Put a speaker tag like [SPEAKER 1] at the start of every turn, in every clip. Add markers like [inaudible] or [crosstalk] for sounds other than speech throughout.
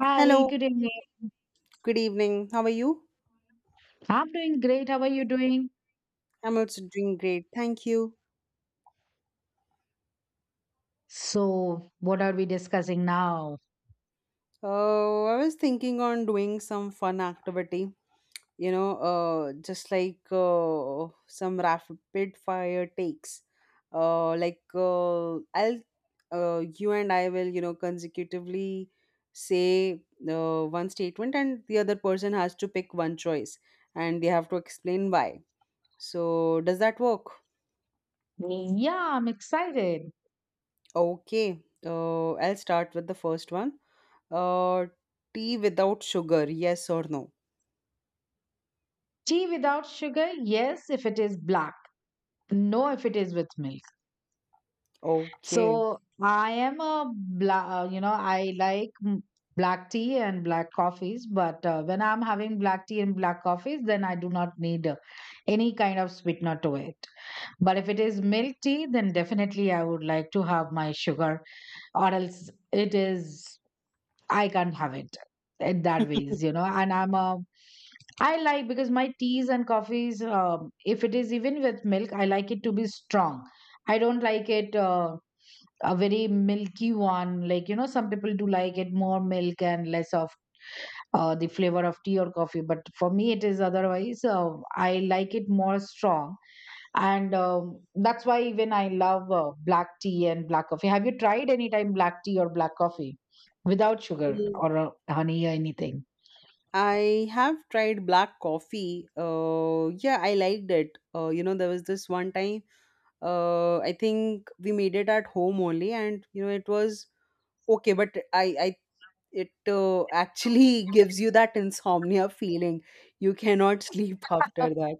[SPEAKER 1] Hi,
[SPEAKER 2] Hello,
[SPEAKER 1] good evening.
[SPEAKER 2] good evening. How are you?
[SPEAKER 1] I'm doing great. How are you doing?
[SPEAKER 2] I'm also doing great. Thank you.
[SPEAKER 1] So, what are we discussing now?
[SPEAKER 2] I was thinking on doing some fun activity, just like some rapid fire takes. Like you and I will, consecutively say one statement, and the other person has to pick one choice, and they have to explain why. So, does that work?
[SPEAKER 1] Yeah, I'm excited.
[SPEAKER 2] Okay. I'll start with the first one. Uh, tea without sugar, yes or no?
[SPEAKER 1] Tea without sugar? Yes, if it is black. No, if it is with milk.
[SPEAKER 2] Okay.
[SPEAKER 1] So, I am a black, you know, I like black tea and black coffees, but when I'm having black tea and black coffees, then I do not need any kind of sweetener to it. But if it is milk tea, then definitely I would like to have my sugar, or else it is, I can't have it in that ways, you know. And I like because my teas and coffees, if it is even with milk, I like it to be strong. I don't like it a very milky one. Like, you know, some people do like it more milk and less of the flavor of tea or coffee. But for me, it is otherwise. I like it more strong, and that's why even I love black tea and black coffee. Have you tried any time black tea or black coffee without sugar
[SPEAKER 2] Mm.
[SPEAKER 1] or honey or anything?
[SPEAKER 2] I have tried black coffee. Yeah, I liked it. There was this one time, I think we made it at home only, and it was okay, but it actually [laughs] gives you that insomnia feeling. You cannot sleep after that.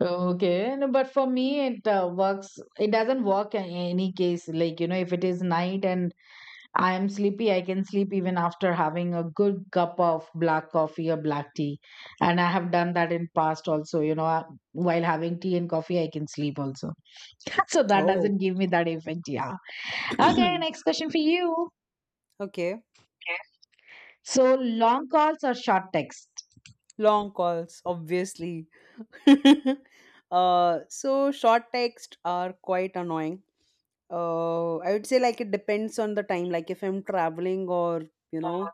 [SPEAKER 1] Okay, no, but for me it works. It doesn't work in any case, like, you know, if it is night and I am sleepy, I can sleep even after having a good cup of black coffee or black tea, and I have done that in past also, you know. While having tea and coffee, I can sleep also. [laughs] So that
[SPEAKER 2] Oh,
[SPEAKER 1] doesn't give me that effect. Yeah. Okay, next
[SPEAKER 2] [clears throat]
[SPEAKER 1] question for you.
[SPEAKER 2] okay.
[SPEAKER 1] So, long calls or short text?
[SPEAKER 2] Long calls, obviously. [laughs] So short texts are quite annoying. I would say like it depends on the time. Like if I'm traveling or you know,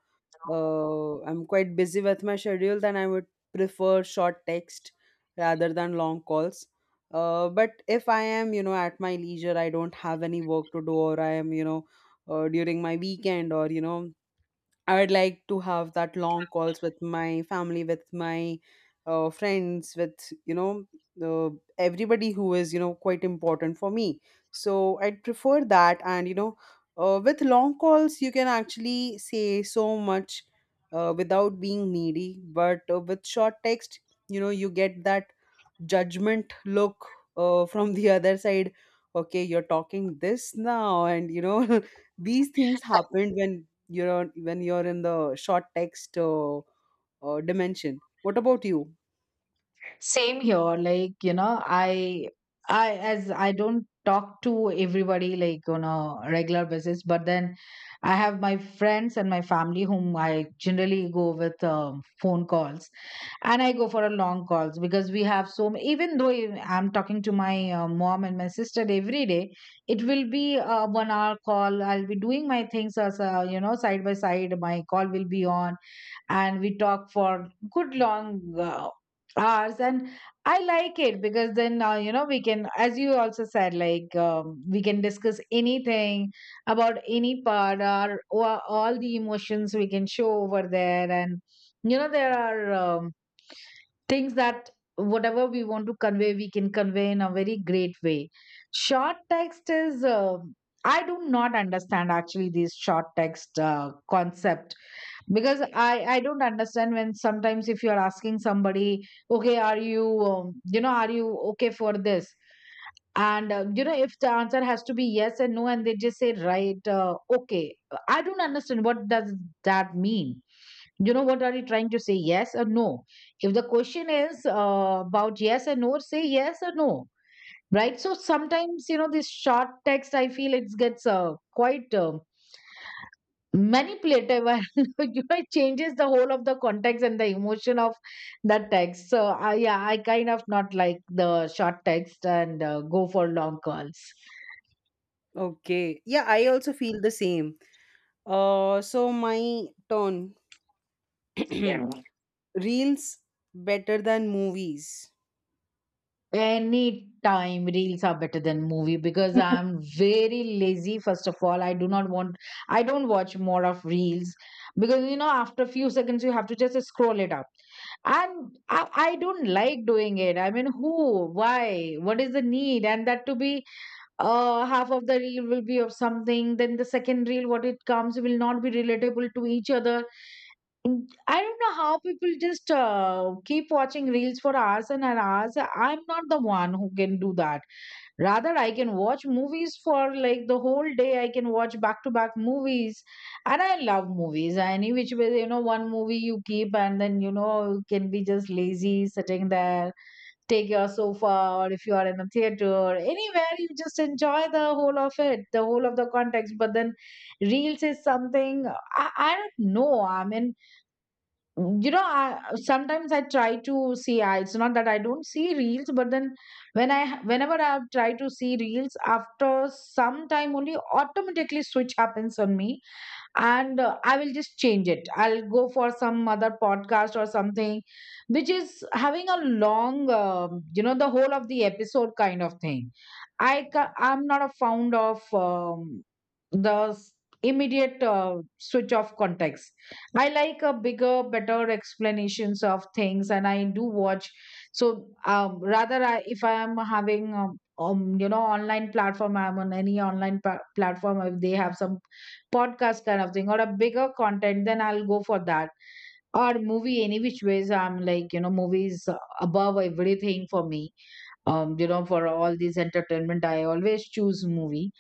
[SPEAKER 2] I'm quite busy with my schedule, then I would prefer short text rather than long calls. But if I am at my leisure, I don't have any work to do, or I am during my weekend, or I would like to have that long calls with my family, with my friends, with everybody who is quite important for me. So I'd prefer that, and with long calls you can actually say so much without being needy. But with short text, you get that judgment look [laughs] from the other side. Okay, you're talking this now, and [laughs] these things happened when you are when you're in the short text dimension. What about you?
[SPEAKER 1] Same here. Like, you know, I as I don't talk to everybody like on a regular basis, but then I have my friends and my family whom I generally go with phone calls. And I go for a long calls, because we have so many, even though if I'm talking to my mom and my sister every day, it will be a 1 hour call. I'll be doing my things, as you know, side by side my call will be on, and we talk for good long hours. And I like it because then, you know, we can, as you also said, like, we can discuss anything about any part, or all the emotions we can show over there. And you know, there are things that whatever we want to convey, we can convey in a very great way. Short text is, I do not understand actually this short text concept, because I don't understand when sometimes if you're asking somebody, okay, are you, you know, are you okay for this? And you know, if the answer has to be yes and no, and they just say right, okay, I don't understand what does that mean. You know, what are you trying to say, yes or no? If the question is about yes and no, say yes or no, right? So sometimes, you know, this short text, I feel it gets quite manipulative [laughs] and, you know, it changes the whole of the context and the emotion of that text. So I, yeah, I kind of not like the short text and go for long calls.
[SPEAKER 2] Okay, yeah, I also feel the same. So my turn.
[SPEAKER 1] Yeah.
[SPEAKER 2] [clears throat] Reels better than movies?
[SPEAKER 1] Any time reels are better than movie, because
[SPEAKER 2] [laughs]
[SPEAKER 1] I'm very lazy. First of all, I do not want, I don't watch more of reels, because you know, after a few seconds you have to just scroll it up, and I don't like doing it. I mean, who, why, what is the need? And that to be, half of the reel will be of something, then the second reel what it comes will not be relatable to each other. Mm, I don't know how people just keep watching reels for hours and hours. I'm not the one who can do that. Rather, I can watch movies for like the whole day. I can watch back to back movies, and I love movies any which way. You know, one movie you keep, and then you know, you can be just lazy sitting there, take your sofa, or if you are in a theater, anywhere, you just enjoy the whole of it, the whole of the context. But then reels is something, I don't know. I mean, you know, I sometimes I try to see, it's not that I don't see reels, but then when I, whenever I try to see reels, after some time only, automatically switch happens on me, and I will just change it. I'll go for some other podcast or something which is having a long, you know, the whole of the episode kind of thing. I'm not a fond of the s- immediate switch off context. I like a bigger, better explanations of things, and I do watch. So rather if I am having you know, online platform, I'm on any online platform. If they have some podcast kind of thing or a bigger content, then I'll go for that. Or movie, any which ways, I'm like, you know, movies above everything for me. You know, for all these entertainment, I always choose movie.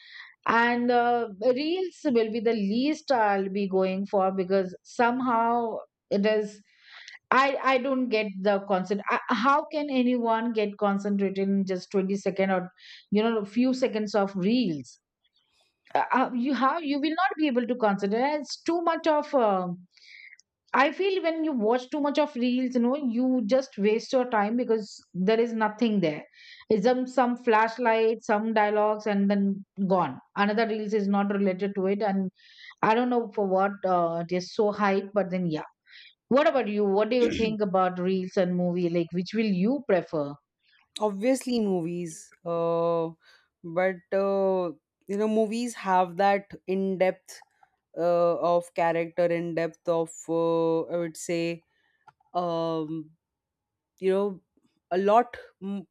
[SPEAKER 1] And reels will be the least I'll be going for, because somehow it is, I don't get the concept. I, how can anyone get concentrated in just 20 second, or you know, a few seconds of reels? You, how you will not be able to consider, it's too much of I feel when you watch too much of reels, you know, you just waste your time because there is nothing there. It's some flashlight, some dialogues, and then gone, another reels is not related to it. And I don't know for what it is so hype. But then, yeah, what about you? What do you think about reels and movie, like, which will you prefer?
[SPEAKER 2] Obviously movies. But movies have that in depth of character, in depth of I would say um you know a lot. m-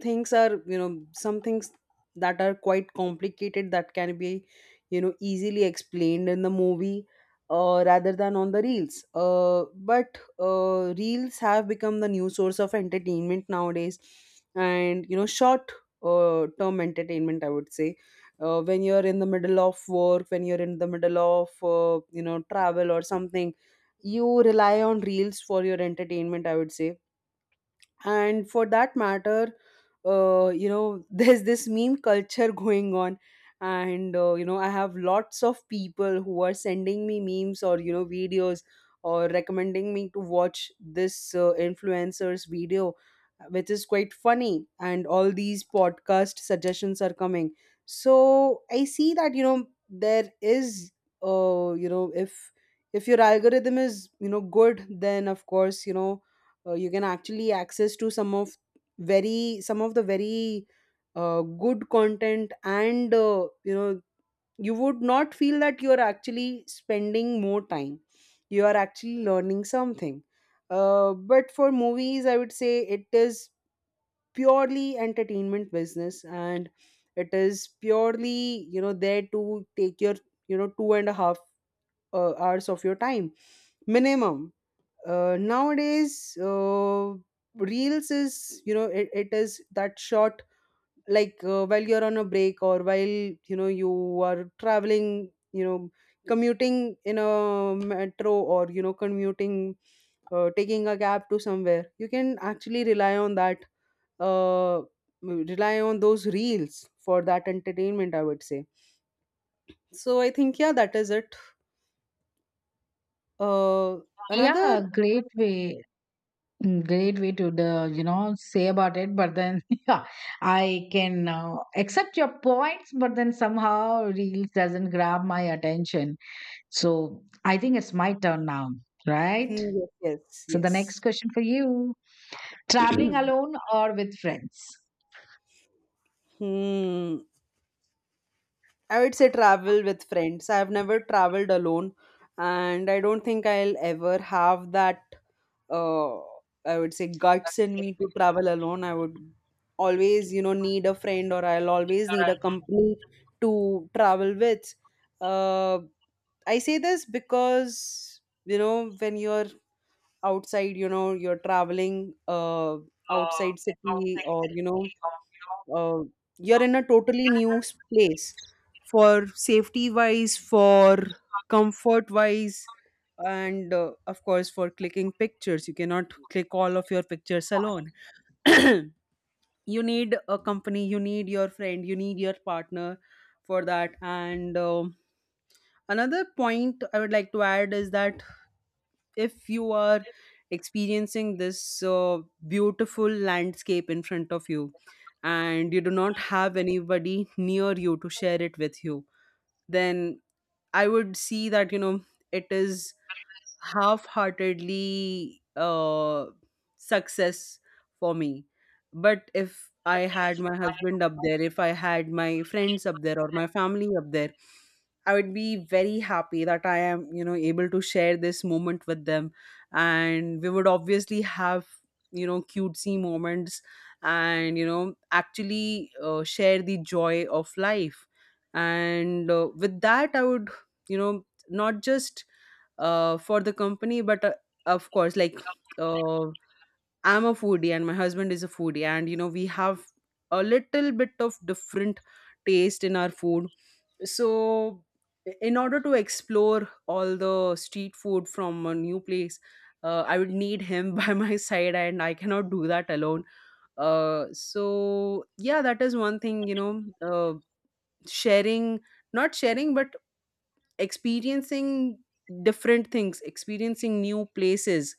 [SPEAKER 2] things are you know Some things that are quite complicated that can be easily explained in the movie rather than on the reels. But Reels have become the new source of entertainment nowadays, and short term entertainment, I would say. When you're in the middle of work, when you're in the middle of travel or something, you rely on reels for your entertainment, I would say. And for that matter, [laughs] there's this meme culture going on, and I have lots of people who are sending me memes or videos, or recommending me to watch this influencer's video, which is quite funny, and all these podcast suggestions are coming. So I see that, you know there is you know if your algorithm is good, then of course, you can actually access to some of the very good content, and you would not feel that you are actually spending more time, you are actually learning something. But for movies, I would say it is purely entertainment business, and it is purely there to take your two and a half hours of your time, minimum. Nowadays, reels is, it is that short, like while you're on a break, or while you are traveling, commuting in a metro, or commuting taking a cab to somewhere, you can actually rely on that. uh, Rely on those reels for that entertainment, I would say. So I think, yeah, that is it. Uh,
[SPEAKER 1] Yeah,
[SPEAKER 2] another
[SPEAKER 1] great way. Mm, great way to the, you know, say about it, but then [laughs] yeah, I can accept your points, but then somehow reels doesn't grab my attention. So I think it's my turn now, right?
[SPEAKER 2] Hmm, yes,
[SPEAKER 1] So the next
[SPEAKER 2] yes,
[SPEAKER 1] question for you:
[SPEAKER 2] yes.
[SPEAKER 1] traveling
[SPEAKER 2] [clears throat]
[SPEAKER 1] alone or with friends?
[SPEAKER 2] Hmm. I would say travel with friends. I've never traveled alone, and I don't think I'll ever have that. Uh, I would say guts in me to travel alone. I would always, need a friend, or I'll always need a company to travel with. Uh, I say this because when you're outside, you're traveling outside city, or uh, you're in a totally new place. For safety wise, for comfort wise, and of course, for clicking pictures, you cannot click all of your pictures alone. [clears throat] You need a company, you need your friend, you need your partner for that. And another point I would like to add is that if you are experiencing this beautiful landscape in front of you, and you do not have anybody near you to share it with you, then I would see that, it is half-heartedly success for me. But if I had my husband up there, if I had my friends up there, or my family up there, I would be very happy that I am able to share this moment with them, and we would obviously have cutesy moments, and actually share the joy of life. And with that, I would, not just for the company. But of course, like uh, I'm a foodie and my husband is a foodie, and we have a little bit of different taste in our food. So in order to explore all the street food from a new place. I would need him [laughs] by my side, and I cannot do that alone. So yeah, that is one thing. Sharing, not sharing but experiencing different things, experiencing new places,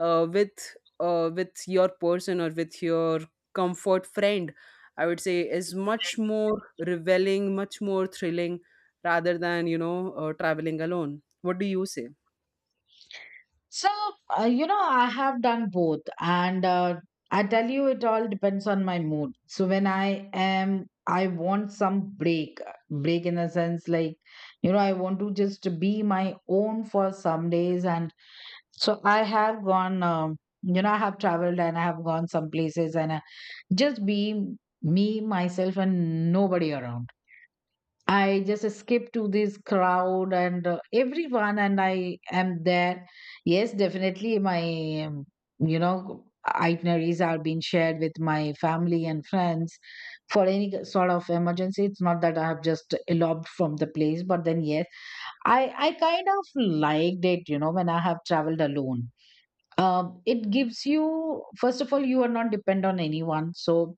[SPEAKER 2] with your person, or with your comfort friend, I would say, is much more revealing, much more thrilling, rather than, traveling alone. What do you say?
[SPEAKER 1] So, you know, I have done both. And I tell you, it all depends on my mood. So, when I am, I want some break, break in a sense like, you know, I want to just be my own for some days. And so I have gone, you know, I have traveled and I have gone some places, and I just be me, myself, and nobody around. I just skip to this crowd and everyone, and I am there. Yes, definitely, my you know, itineraries are being shared with my family and friends for any sort of emergency. It's not that I have just eloped from the place, but then yes, I kind of liked it. You know, when I have traveled alone, it gives you, first of all, you are not dependent on anyone, so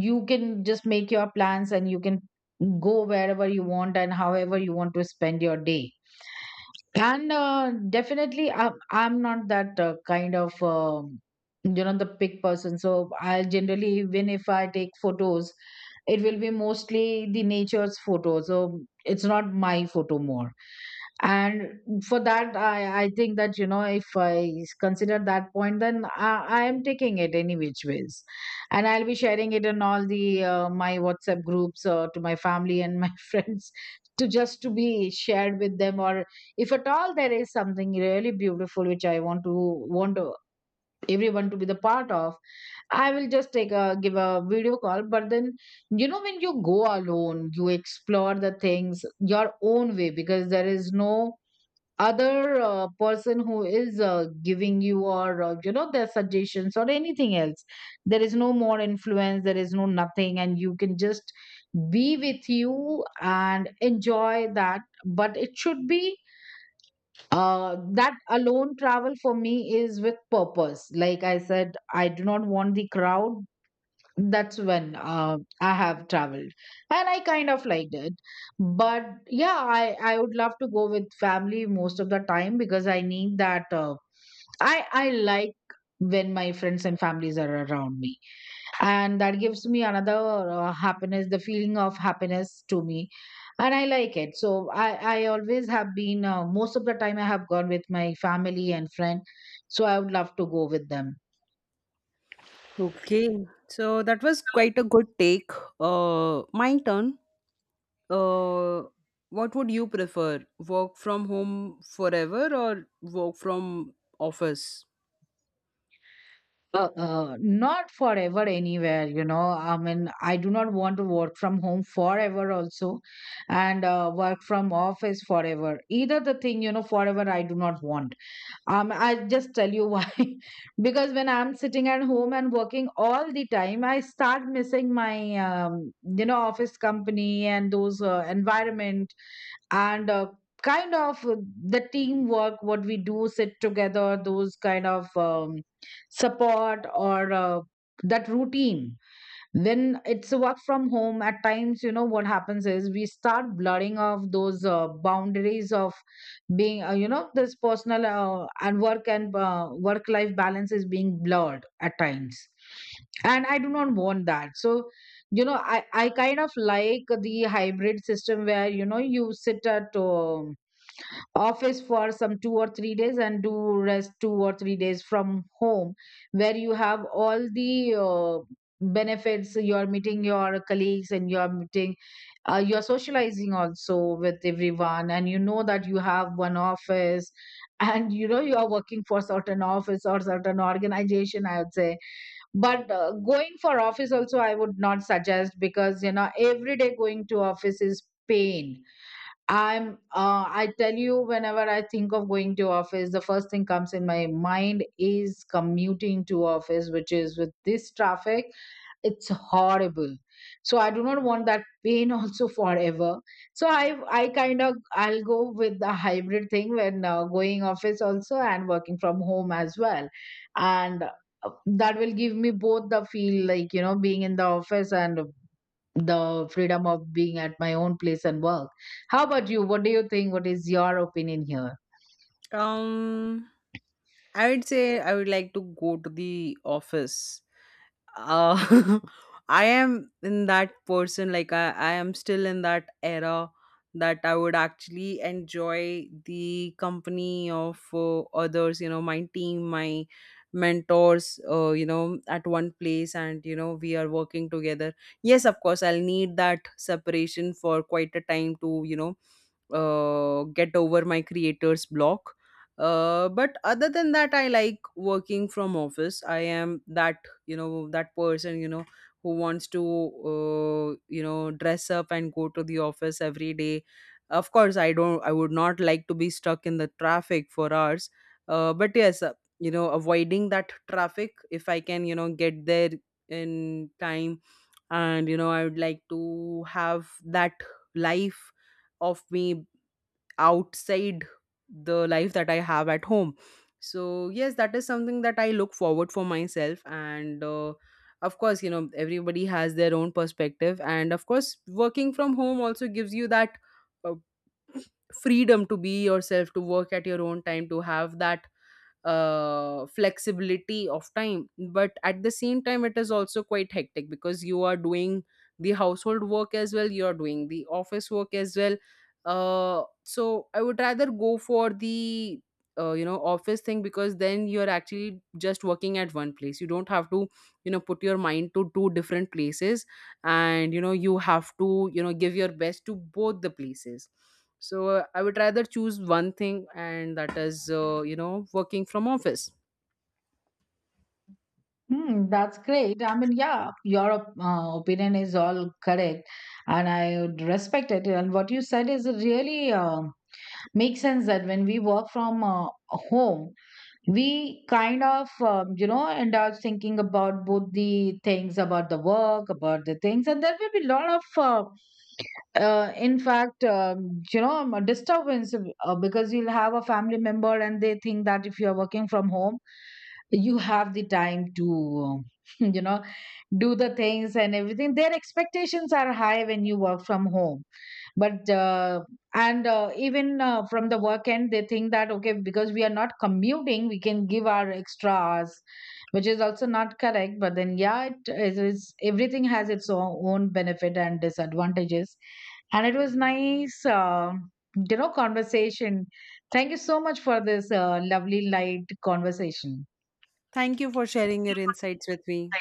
[SPEAKER 1] you can just make your plans, and you can go wherever you want and however you want to spend your day. And definitely I'm not that kind of you know, the pick person. So I'll generally, even if I take photos, it will be mostly the nature's photo, so it's not my photo more. And for that, I think that, you know, if I consider that point, then I am taking it any which ways, and I'll be sharing it in all the my WhatsApp groups to my family and my [laughs] friends, to just to be shared with them. Or if at all there is something really beautiful which I want to want to- everyone to be the part of, I will just take a give a video call. But then, you know, when you go alone, you explore the things your own way, because there is no other person who is giving you, or you know, their suggestions or anything else. There is no more influence, there is no nothing, and you can just be with you and enjoy that. But it should be that, alone travel for me is with purpose. Like I said, I do not want the crowd. That's when I have traveled, and I kind of liked it. But yeah, I would love to go with family most of the time, because I need that, I like when my friends and families are around me, and that gives me another happiness, the feeling of happiness to me, and I like it. So I always have been, most of the time I have gone with my family and Friend, so I would love to go with them.
[SPEAKER 2] Okay, so that was quite a good take. My turn. Uh, what would you prefer? Work from home forever or work from office?
[SPEAKER 1] Not forever anywhere, you know. I mean, I do not want to work from home forever also, and work from office forever either, the thing, you know. Forever I do not want. I just tell you why. [laughs] Because when I'm sitting at home and working all the time, I start missing my, you know, office company and those environment, and kind of uh, the teamwork, what we do, sit together, those kind of support, or that routine. When it's a work from home, at times, you know, what happens is we start blurring of those boundaries of being, you know, this personal and work, and work life balance is being blurred at times. And I do not want that. So, you know, I kind of like the hybrid system where, you know, you sit at, office for some 2 or 3 days and do rest 2 or 3 days from home, where you have all the benefits, you're meeting your colleagues and you're meeting, you're socializing also with everyone, and you know that you have one office [laughs] and you know you are working for certain office or certain organization, I would say. But going for office also I would not suggest, because you know every day going to office is pain. I tell you, whenever I think of going to office, the first thing comes in my mind is commuting to office, which is, with this traffic, it's horrible. So I do not want that pain [laughs] also forever. So I kind of I'll go with the hybrid thing, when going office also and working from home as well. And that will give me both the feel, like you know, being in the office and the freedom of being at my own place and work. How about you? What do you think? What is your opinion here?
[SPEAKER 2] Um, I would say I would like to go to the office. uh, [laughs] I am in that person, like I am still in that era that I would actually enjoy the company of others, my team, my mentors, at one place, and we are working together. Yes, of course, I'll need that separation for quite a time to, get over my creator's block. But other than that, I like working from office. I am that, that person, who wants to dress up and go to the office every day. Of course, I would not like to be stuck in the traffic for hours. But yes, avoiding that traffic, if I can, get there in time, and I would like to have that life of me outside the life that I have at home. So, yes, that is something that I look forward for myself. And of course, everybody has their own perspective. And of course, working from home also gives you that uh, freedom to be yourself, to work at your own time, to have that flexibility of time. But at the same time, it is also quite hectic, because you are doing the household work as well, you are doing the office work as well. So I would rather go for the office thing, because then you're actually just working at one place, you don't have to, put your mind to two different places, and you have to, give your best to both the places. So I would rather choose one thing, and that is, working from office.
[SPEAKER 1] Hmm, that's great. I mean, yeah, your opinion is all correct, and I would respect it. And what you said is really makes sense, that when we work from home, we kind of you know end up thinking about both the things, about the work, about the things, and there will be a lot of in fact you know a disturbance, because you'll have a family member and they think that if you're working from home, you have the time to [laughs] you know do the things and everything. Their expectations are high when you work from home. But and even from the work end, they think that okay, because we are not commuting, we can give our extra hours, which is also not correct. But then yeah, everything has its own benefit and disadvantages. And it was nice, you know, conversation. Thank you so much for this lovely light conversation.
[SPEAKER 2] Thank you for sharing your insights with me.